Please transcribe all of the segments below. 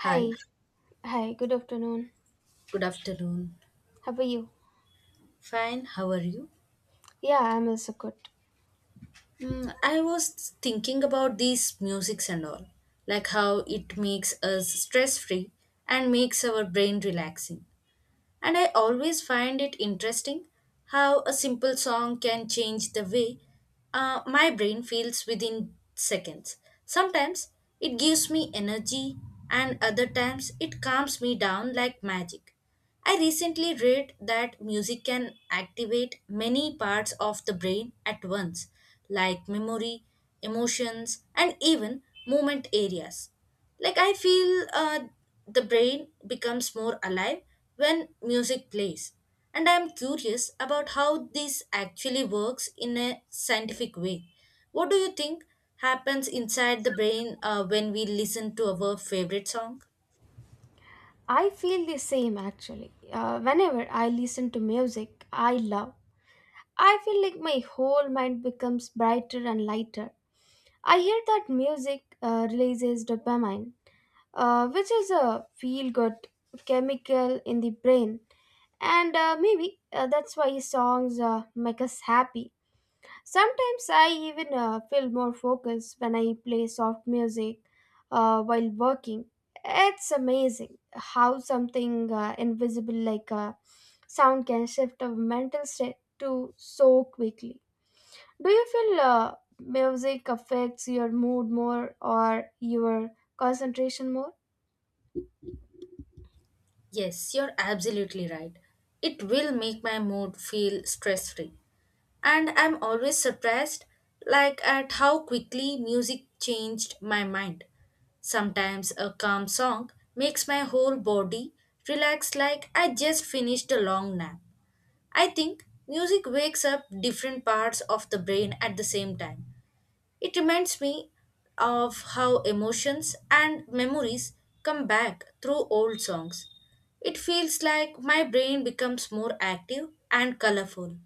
Hi, Hi, hi, good afternoon. good afternoon. How are you? Fine, how are you? Yeah, I'm also good. I was thinking about these musics and all, like how it makes us stress free and makes our brain relaxing. And I always find it interesting how a simple song can change the way my brain feels within seconds. Sometimes it gives me energy, and other times it calms me down like magic. I recently read that music can activate many parts of the brain at once, like memory, emotions, and even movement areas. Like I feel, the brain becomes more alive when music plays. And I am curious about how this actually works in a scientific way. What do you think happens inside the brain when we listen to our favorite song? I feel the same actually. Whenever I listen to music I love, I feel like my whole mind becomes brighter and lighter. I hear that music releases dopamine, which is a feel good chemical in the brain, and maybe that's why songs make us happy. Sometimes I even feel more focused when I play soft music while working. It's amazing how something invisible like sound can shift a mental state to so quickly. Do you feel music affects your mood more or your concentration more? Yes, you're absolutely right. It will make my mood feel stress free. And I'm always surprised, like, at how quickly music changed my mind. Sometimes a calm song makes my whole body relax like I just finished a long nap. I think music wakes up different parts of the brain at the same time. It reminds me of how emotions and memories come back through old songs. It feels like my brain becomes more active and colorful.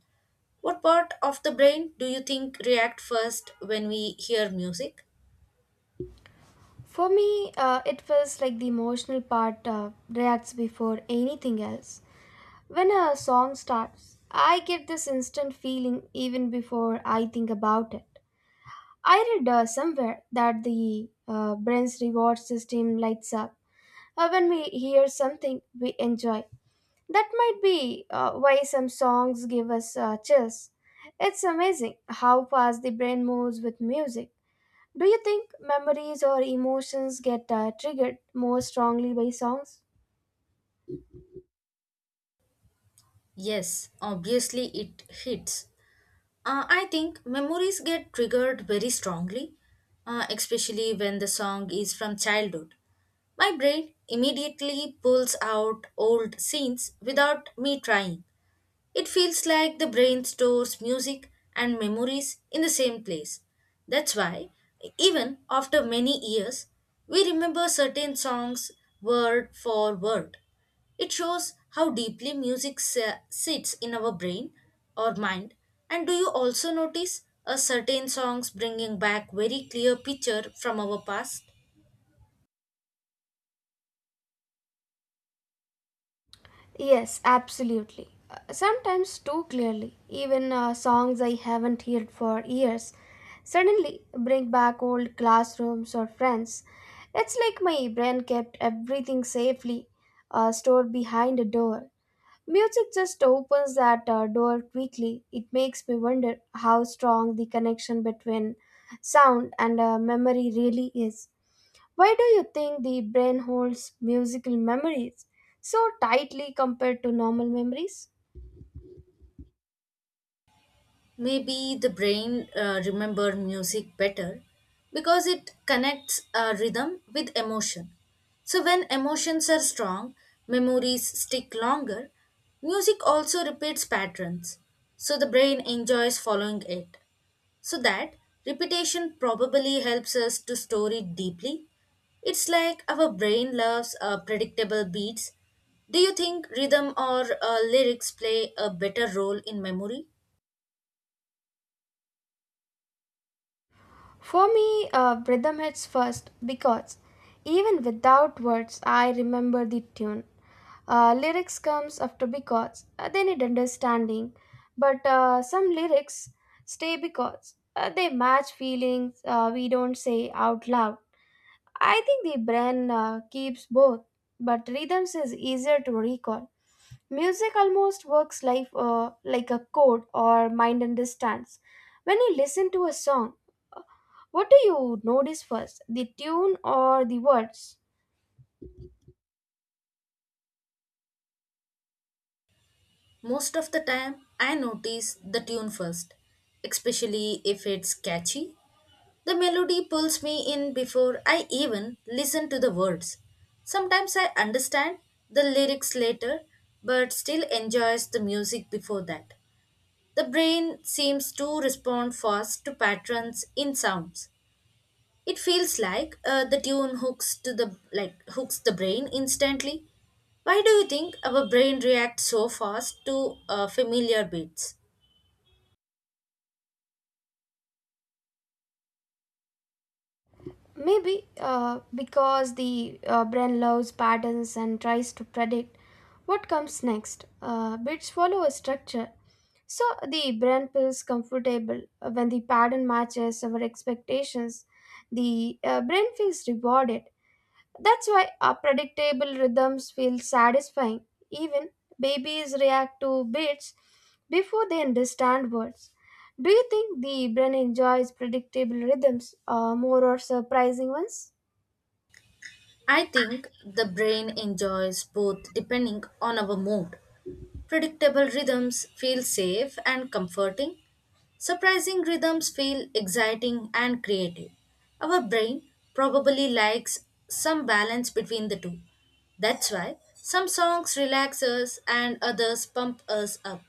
What part of the brain do you think react first when we hear music? For me, it feels like the emotional part reacts before anything else. When a song starts, I get this instant feeling even before I think about it. I read somewhere that the brain's reward system lights up when we hear something we enjoy. That might be why some songs give us chills. It's amazing how fast the brain moves with music. Do you think memories or emotions get triggered more strongly by songs? Yes, obviously it hits. I think memories get triggered very strongly, especially when the song is from childhood. My brain immediately pulls out old scenes without me trying. It feels like the brain stores music and memories in the same place. That's why, even after many years, we remember certain songs word for word. It shows how deeply sits in our brain or mind. And do you also notice a certain songs bringing back very clear picture from our past? Yes, absolutely. Sometimes too clearly, even songs I haven't heard for years suddenly bring back old classrooms or friends. It's like my brain kept everything safely stored behind a door. Music just opens that door quickly. It makes me wonder how strong the connection between sound and memory really is. Why do you think the brain holds musical memories so tightly compared to normal memories? Maybe the brain remember music better because it connects rhythm with emotion. So when emotions are strong, memories stick longer. Music also repeats patterns, so the brain enjoys following it. So that repetition probably helps us to store it deeply. It's like our brain loves predictable beats. Do you think rhythm or lyrics play a better role in memory? For me, rhythm hits first because even without words, I remember the tune. Lyrics comes after because they need understanding, but some lyrics stay because they match feelings we don't say out loud. I think the brain keeps both, but rhythms is easier to recall. Music almost works life like a code or mind and distance. When you listen to a song, what do you notice first, the tune or the words? Most of the time, I notice the tune first, especially if it's catchy. The melody pulls me in before I even listen to the words. Sometimes I understand the lyrics later, but still enjoys the music before that. The brain seems to respond fast to patterns in sounds. It feels like, the tune hooks to the like hooks the brain instantly. Why do you think our brain reacts so fast to familiar beats? Maybe because the brain loves patterns and tries to predict what comes next. Bits follow a structure, so the brain feels comfortable when the pattern matches our expectations. The brain feels rewarded. That's why our predictable rhythms feel satisfying. Even babies react to beats before they understand words. Do you think the brain enjoys predictable rhythms more or surprising ones? I think the brain enjoys both depending on our mood. Predictable rhythms feel safe and comforting. Surprising rhythms feel exciting and creative. Our brain probably likes some balance between the two. That's why some songs relax us and others pump us up.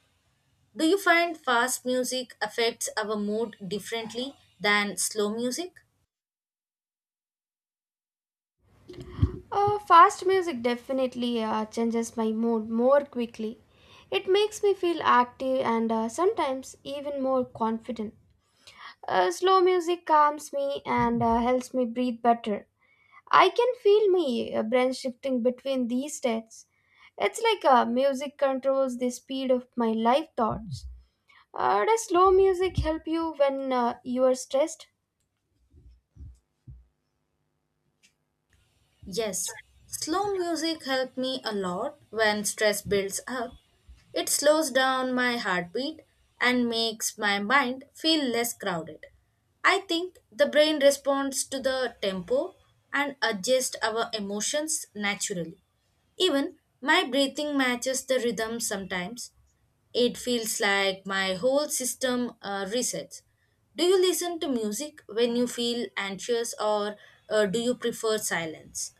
Do you find fast music affects our mood differently than slow music? Fast music definitely changes my mood more quickly. It makes me feel active and sometimes even more confident. Slow music calms me and helps me breathe better. I can feel my brain shifting between these states. It's like music controls the speed of my life thoughts. Does slow music help you when you are stressed? Yes, slow music helped me a lot when stress builds up. It slows down my heartbeat and makes my mind feel less crowded. I think the brain responds to the tempo and adjusts our emotions naturally. Even my breathing matches the rhythm sometimes. It feels like my whole system resets. Do you listen to music when you feel anxious, or do you prefer silence?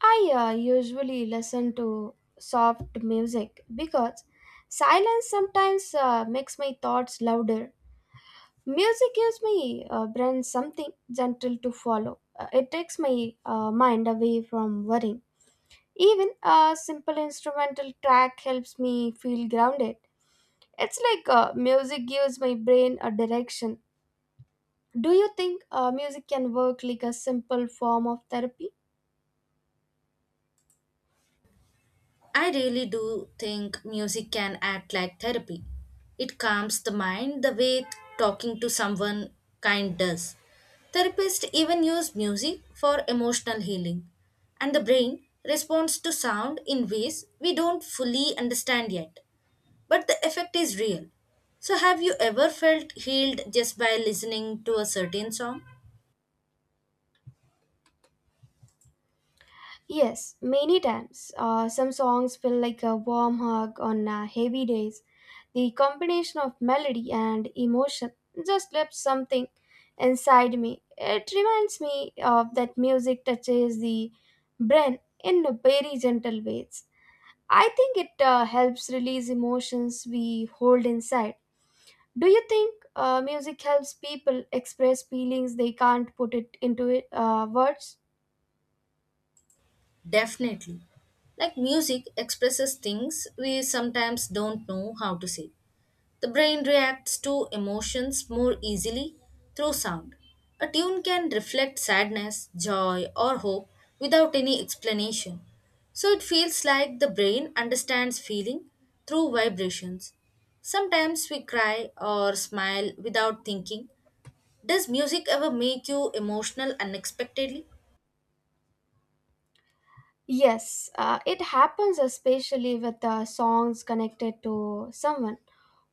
I usually listen to soft music because silence sometimes makes my thoughts louder. Music gives my brain something gentle to follow. It takes my mind away from worrying. Even a simple instrumental track helps me feel grounded. It's like music gives my brain a direction. Do you think music can work like a simple form of therapy? I really do think music can act like therapy. It calms the mind the way talking to someone kind does. Therapists even use music for emotional healing, and the brain responds to sound in ways we don't fully understand yet. But the effect is real. So, have you ever felt healed just by listening to a certain song? Yes, many times. Some songs feel like a warm hug on heavy days. The combination of melody and emotion just left something inside me. It reminds me of that music touches the brain in very gentle ways. I think it helps release emotions we hold inside. Do you think music helps people express feelings they can't put it into it, words? Definitely. Like music expresses things we sometimes don't know how to say. The brain reacts to emotions more easily through sound. A tune can reflect sadness, joy, or hope without any explanation. So it feels like the brain understands feeling through vibrations. Sometimes we cry or smile without thinking. Does music ever make you emotional unexpectedly? Yes, it happens especially with songs connected to someone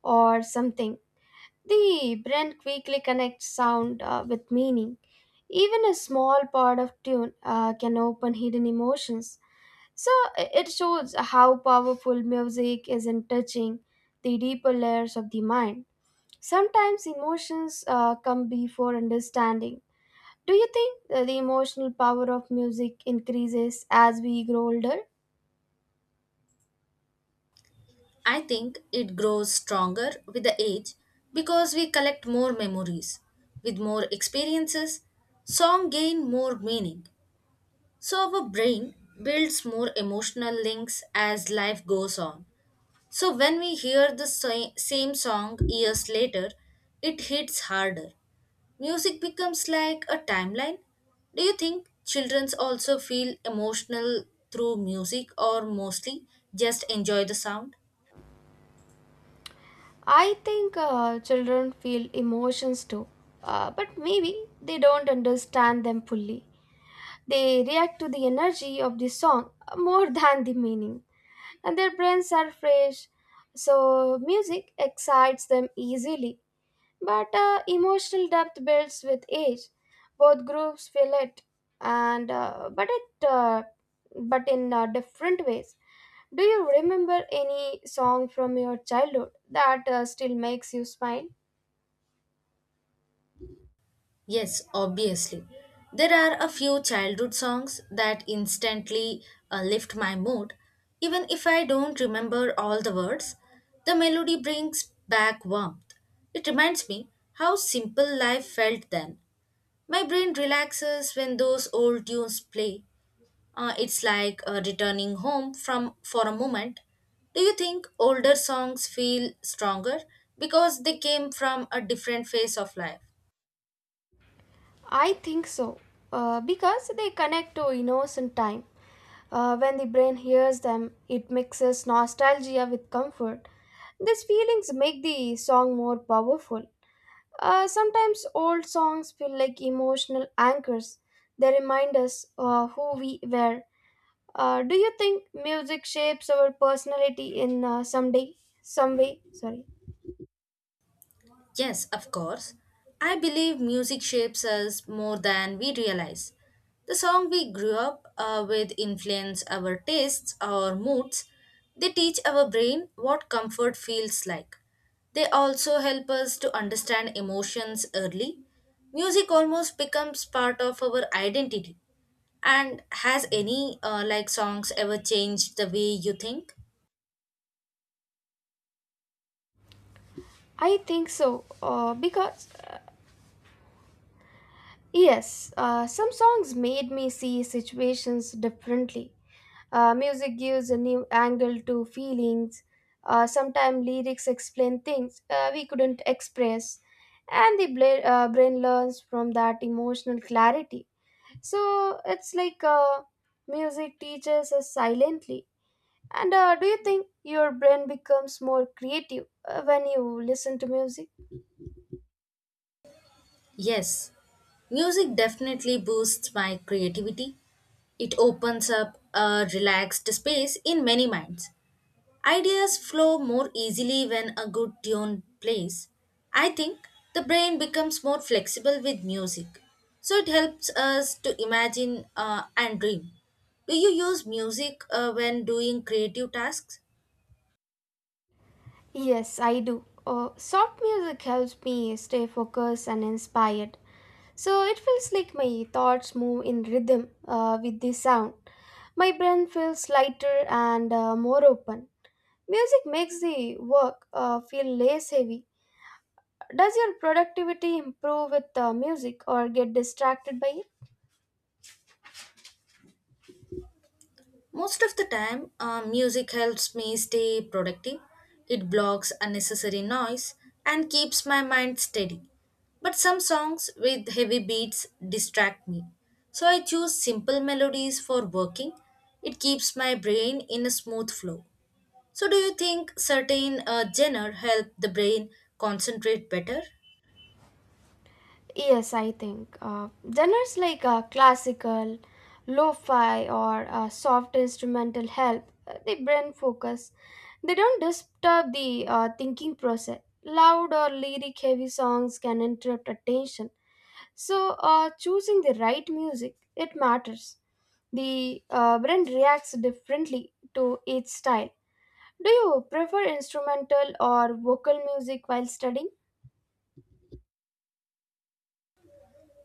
or something. The brain quickly connects sound with meaning. Even a small part of tune can open hidden emotions. So it shows how powerful music is in touching the deeper layers of the mind. Sometimes emotions come before understanding. Do you think the emotional power of music increases as we grow older? I think it grows stronger with the age because we collect more memories. With more experiences, song gain more meaning. So our brain builds more emotional links as life goes on. So when we hear the same song years later, it hits harder. Music becomes like a timeline. Do you think children also feel emotional through music or mostly just enjoy the sound? I think children feel emotions too, but maybe they don't understand them fully. They react to the energy of the song more than the meaning. And their brains are fresh, so music excites them easily. But emotional depth builds with age. Both groups feel it, and but it but in different ways. Do you remember any song from your childhood that still makes you smile? Yes, obviously. There are a few childhood songs that instantly lift my mood. Even if I don't remember all the words, the melody brings back warmth. It reminds me how simple life felt then. My brain relaxes when those old tunes play. It's like returning home from for a moment. Do you think older songs feel stronger because they came from a different phase of life? I think so, because they connect to innocent time. When the brain hears them, it mixes nostalgia with comfort. These feelings make the song more powerful. Sometimes old songs feel like emotional anchors. They remind us who we were. Do you think music shapes our personality in some way? Sorry, Yes, of course. I believe music shapes us more than we realize. The song we grew up with influence our tastes, our moods. They teach our brain what comfort feels like. They also help us to understand emotions early. Music almost becomes part of our identity. And has any like songs ever changed the way you think? I think so. Some songs made me see situations differently. Music gives a new angle to feelings. Sometimes lyrics explain things we couldn't express, and the brain learns from that emotional clarity. So it's like music teaches us silently. And do you think your brain becomes more creative when you listen to music? Yes, music definitely boosts my creativity. It opens up a relaxed space in many minds. Ideas flow more easily when a good tune plays. I think the brain becomes more flexible with music, so it helps us to imagine and dream. Do you use music when doing creative tasks? Yes, I do. Soft music helps me stay focused and inspired. So it feels like my thoughts move in rhythm with the sound. My brain feels lighter and more open. Music makes the work feel less heavy. Does your productivity improve with music or get distracted by it? Most of the time, music helps me stay productive. It blocks unnecessary noise and keeps my mind steady. But some songs with heavy beats distract me. So I choose simple melodies for working. It keeps my brain in a smooth flow. So do you think certain, genre help the brain concentrate better? Yes, I think. Genres like classical, lo fi, or soft instrumental help the brain focus. They don't disturb the thinking process. Loud or lyric heavy songs can interrupt attention. So, choosing the right music, it matters. The brain reacts differently to each style. Do you prefer instrumental or vocal music while studying?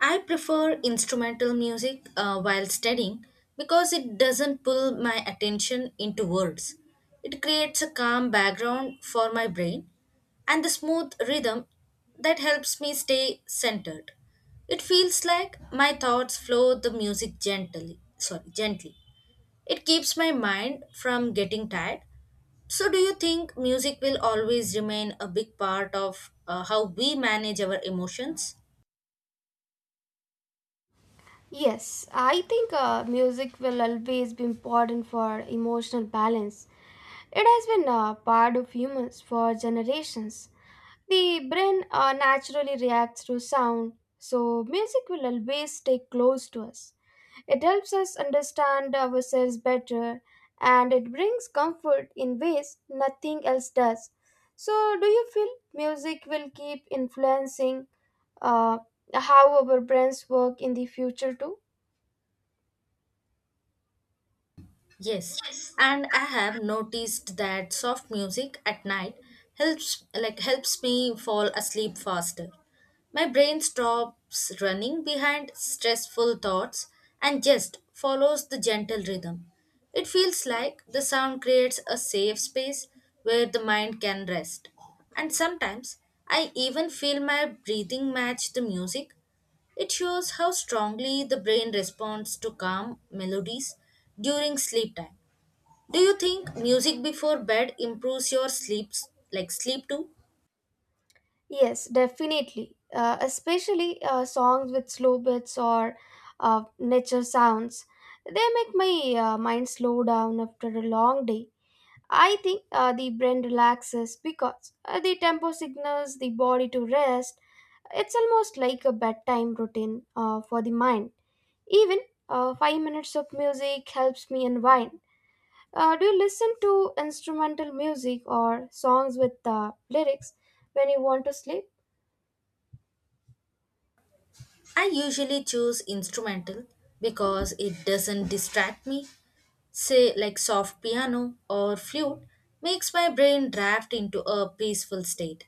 I prefer instrumental music while studying because it doesn't pull my attention into words. It creates a calm background for my brain and the smooth rhythm that helps me stay centered. It feels like my thoughts flow the music gently, sorry, gently. It keeps my mind from getting tired. So do you think music will always remain a big part of, how we manage our emotions? Yes, I think music will always be important for emotional balance. It has been a part of humans for generations. The brain naturally reacts to sound, so music will always stay close to us. It helps us understand ourselves better and it brings comfort in ways nothing else does. So, do you feel music will keep influencing uh, how our brains work in the future too? Yes, and I have noticed that soft music at night helps me fall asleep faster. My brain stops running behind stressful thoughts and just follows the gentle rhythm. It feels like the sound creates a safe space where the mind can rest. And sometimes I even feel my breathing match the music. It shows how strongly the brain responds to calm melodies during sleep time. Do you think music before bed improves your sleep too? Yes, definitely. Especially songs with slow beats or nature sounds. They make my mind slow down after a long day. I think the brain relaxes because the tempo signals the body to rest. It's almost like a bedtime routine for the mind. Even 5 minutes of music helps me unwind. Do you listen to instrumental music or songs with lyrics when you want to sleep? I usually choose instrumental because it doesn't distract me. Say like soft piano or flute makes my brain draft into a peaceful state.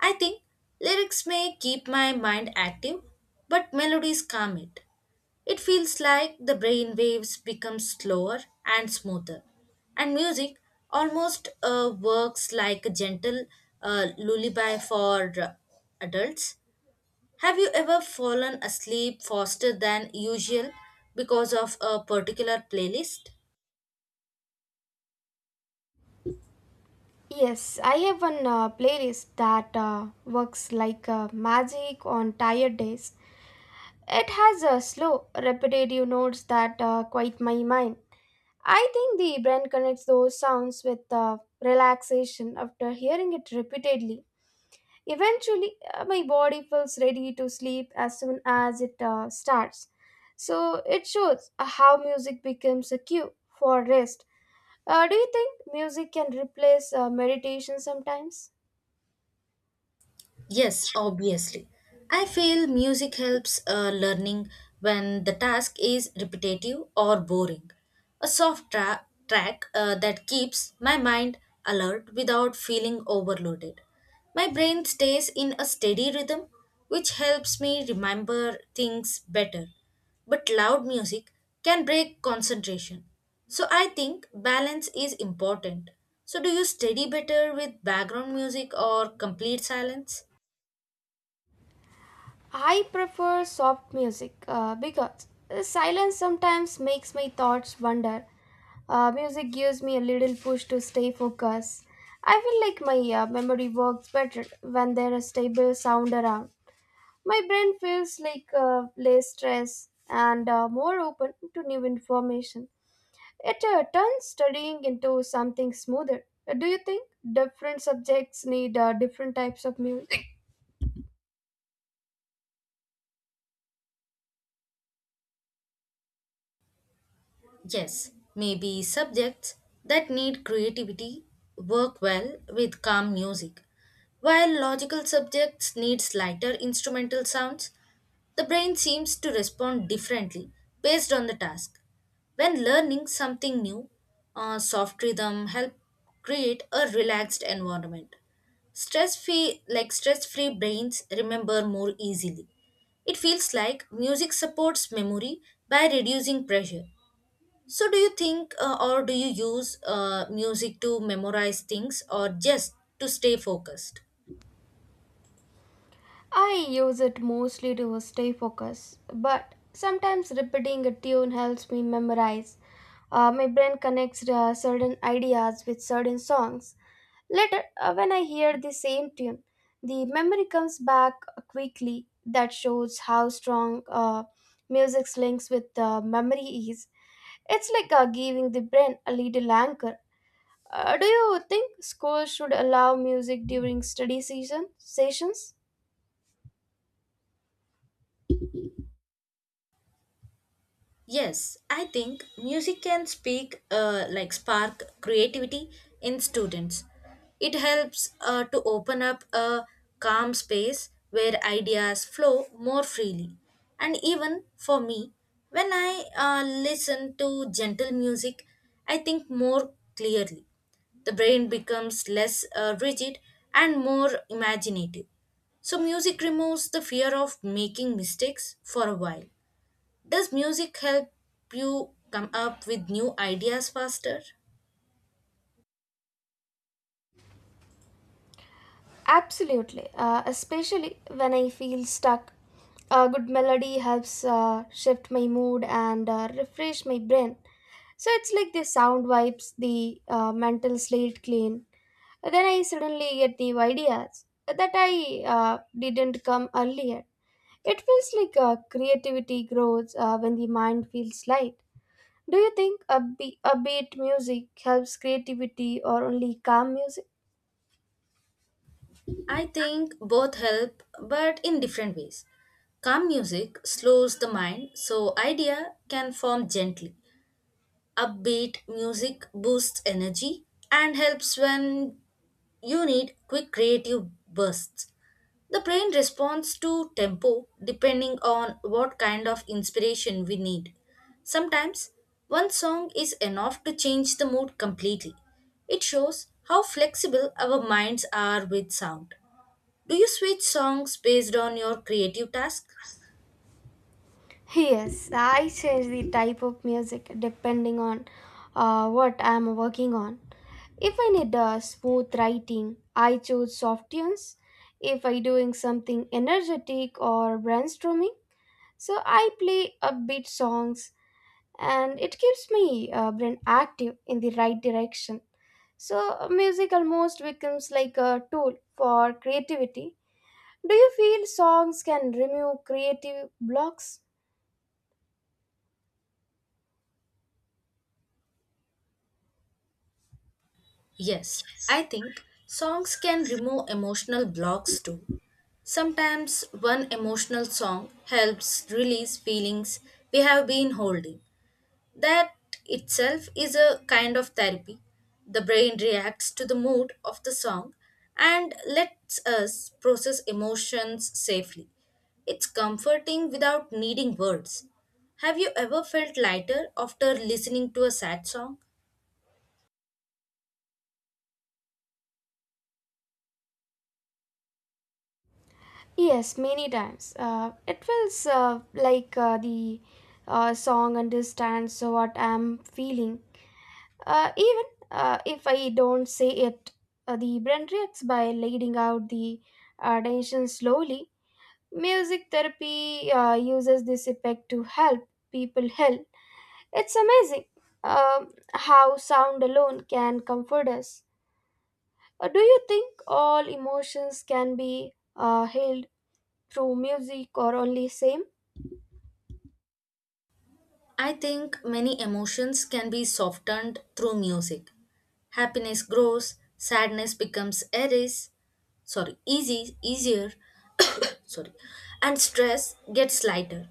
I think lyrics may keep my mind active, but melodies calm it. It feels like the brain waves become slower and smoother, and music almost, works like a gentle lullaby for adults. Have you ever fallen asleep faster than usual because of a particular playlist? Yes, I have one playlist that works like magic on tired days. It has slow, repetitive notes that quiet my mind. I think the brain connects those sounds with relaxation after hearing it repeatedly. Eventually, my body feels ready to sleep as soon as it starts. So, it shows how music becomes a cue for rest. Do you think music can replace meditation sometimes? Yes, obviously. I feel music helps learning when the task is repetitive or boring. A soft track, that keeps my mind alert without feeling overloaded. My brain stays in a steady rhythm, which helps me remember things better. But loud music can break concentration. So I think balance is important. So, do you study better with background music or complete silence? I prefer soft music because silence sometimes makes my thoughts wander. Music gives me a little push to stay focused. I feel like my memory works better when there is stable sound around. My brain feels like less stressed and more open to new information. It turns studying into something smoother. Do you think different subjects need different types of music? Yes, maybe subjects that need creativity work well with calm music. While logical subjects need lighter instrumental sounds, the brain seems to respond differently based on the task. When learning something new, a soft rhythm help create a relaxed environment. Stress free brains remember more easily. It feels like music supports memory by reducing pressure. So do you think, or do you use music to memorize things or just to stay focused? I use it mostly to stay focused, but sometimes repeating a tune helps me memorize. My brain connects certain ideas with certain songs. Later, when I hear the same tune, the memory comes back quickly. That shows how strong music's links with memory is. It's like giving the brain a little anchor. Do you think schools should allow music during study season sessions? Yes, I think music can speak like spark creativity in students. It helps to open up a calm space where ideas flow more freely. And even for me, when I listen to gentle music, I think more clearly. The brain becomes less rigid and more imaginative. So, music removes the fear of making mistakes for a while. Does music help you come up with new ideas faster? Absolutely, especially when I feel stuck. A good melody helps shift my mood and refresh my brain. So it's like the sound wipes the mental slate clean. Then I suddenly get new ideas that I didn't come earlier. It feels like creativity grows when the mind feels light. Do you think upbeat music helps creativity or only calm music? I think both help, but in different ways. Calm music slows the mind so idea can form gently. Upbeat music boosts energy and helps when you need quick creative bursts. The brain responds to tempo depending on what kind of inspiration we need. Sometimes, one song is enough to change the mood completely. It shows how flexible our minds are with sound. Do you switch songs based on your creative task? Yes, I change the type of music depending on what I am working on. If I need smooth writing, I choose soft tunes. If I doing something energetic or brainstorming, so I play upbeat songs, and it keeps me brain active in the right direction. So music almost becomes like a tool for creativity. Do you feel songs can remove creative blocks? Yes, I think songs can remove emotional blocks too. Sometimes one emotional song helps release feelings we have been holding. That itself is a kind of therapy. The brain reacts to the mood of the song and lets us process emotions safely. It's comforting without needing words. Have you ever felt lighter after listening to a sad song? Yes, many times. It feels like the Song understands what I'm feeling. Even if I don't say it, the brain reacts by letting out the tension slowly. Music therapy uses this effect to help people heal. It's amazing how sound alone can comfort us. Do you think all emotions can be healed through music or only same? I think many emotions can be softened through music. Happiness grows, sadness becomes eris, sorry, easy, easier, sorry, and stress gets lighter.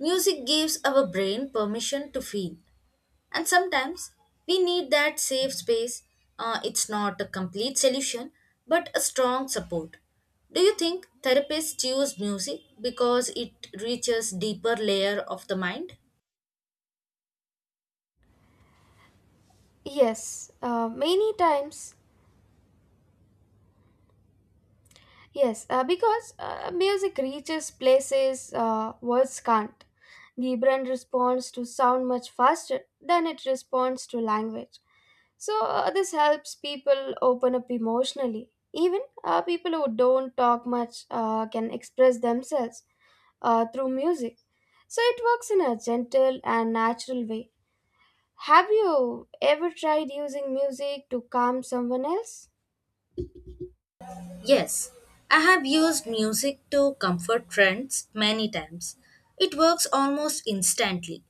Music gives our brain permission to feel, and sometimes we need that safe space. It's not a complete solution, but a strong support. Do you think therapists use music because it reaches deeper layer of the mind? Yes, many times. Yes, because music reaches places words can't. The brain responds to sound much faster than it responds to language. So, this helps people open up emotionally. Even people who don't talk much can express themselves through music. So, it works in a gentle and natural way. Have you ever tried using music to calm someone else? Yes, I have used music to comfort friends many times. It works almost instantly,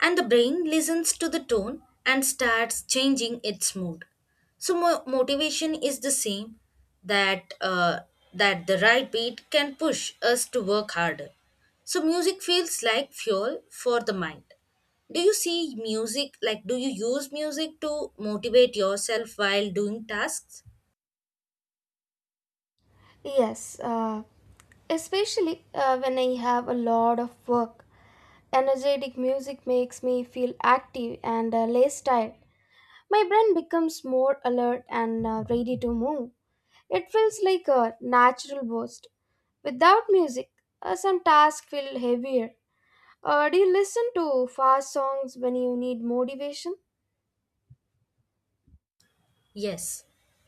and the brain listens to the tone and starts changing its mood. So motivation is the same that uh, that the right beat can push us to work harder. So music feels like fuel for the mind. Do you use music to motivate yourself while doing tasks? Yes, especially when I have a lot of work, energetic music makes me feel active and less tired. My brain becomes more alert and ready to move. It feels like a natural boost. Without music, some tasks feel heavier. Do you listen to fast songs when you need motivation? Yes,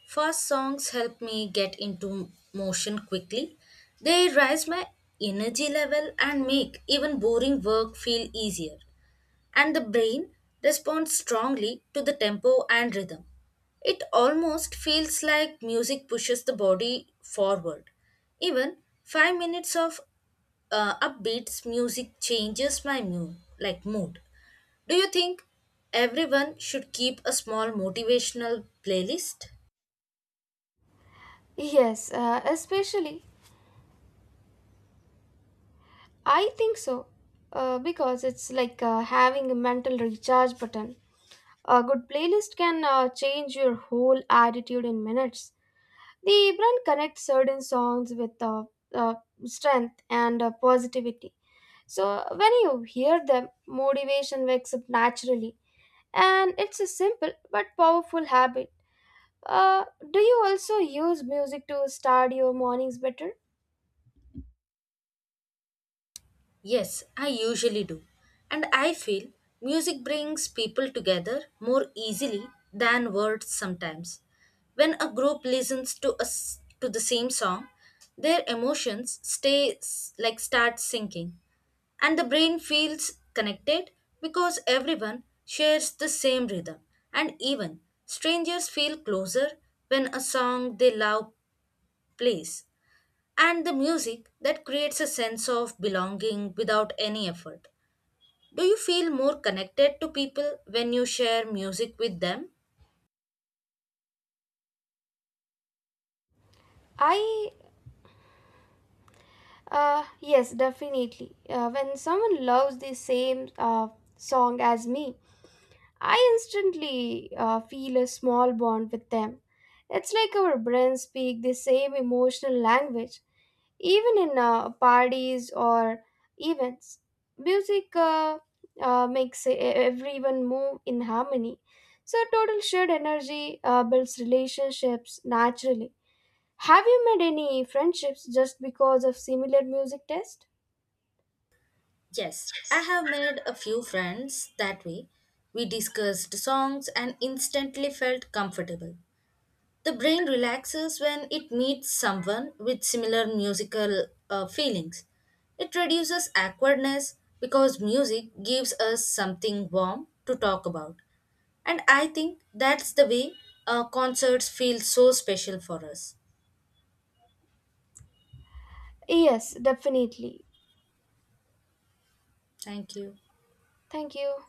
fast songs help me get into motion quickly. They raise my energy level and make even boring work feel easier. And the brain responds strongly to the tempo and rhythm. It almost feels like music pushes the body forward. Even 5 minutes of upbeats music changes my mood. Do you think everyone should keep a small motivational playlist? Yes, especially. I think so. Because it's like having a mental recharge button. A good playlist can change your whole attitude in minutes. The brand connects certain songs with uh, strength and positivity. So when you hear them, motivation wakes up naturally. And it's a simple but powerful habit. Uh, do you also use music to start your mornings better? Yes, I usually do. And I feel music brings people together more easily than words sometimes. When a group listens to the same song, their emotions stay s- like start sinking, and the brain feels connected because everyone shares the same rhythm, and even strangers feel closer when a song they love plays, and the music that creates a sense of belonging without any effort. Do you feel more connected to people when you share music with them? I, yes, definitely. When someone loves the same song as me, I instantly feel a small bond with them. It's like our brains speak the same emotional language, even in parties or events. Music makes everyone move in harmony. So, total shared energy builds relationships naturally. Have you made any friendships just because of similar music taste? Yes, I have made a few friends that way. We discussed songs and instantly felt comfortable. The brain relaxes when it meets someone with similar musical feelings. It reduces awkwardness because music gives us something warm to talk about. And I think that's the way concerts feel so special for us. Yes, definitely. Thank you. Thank you.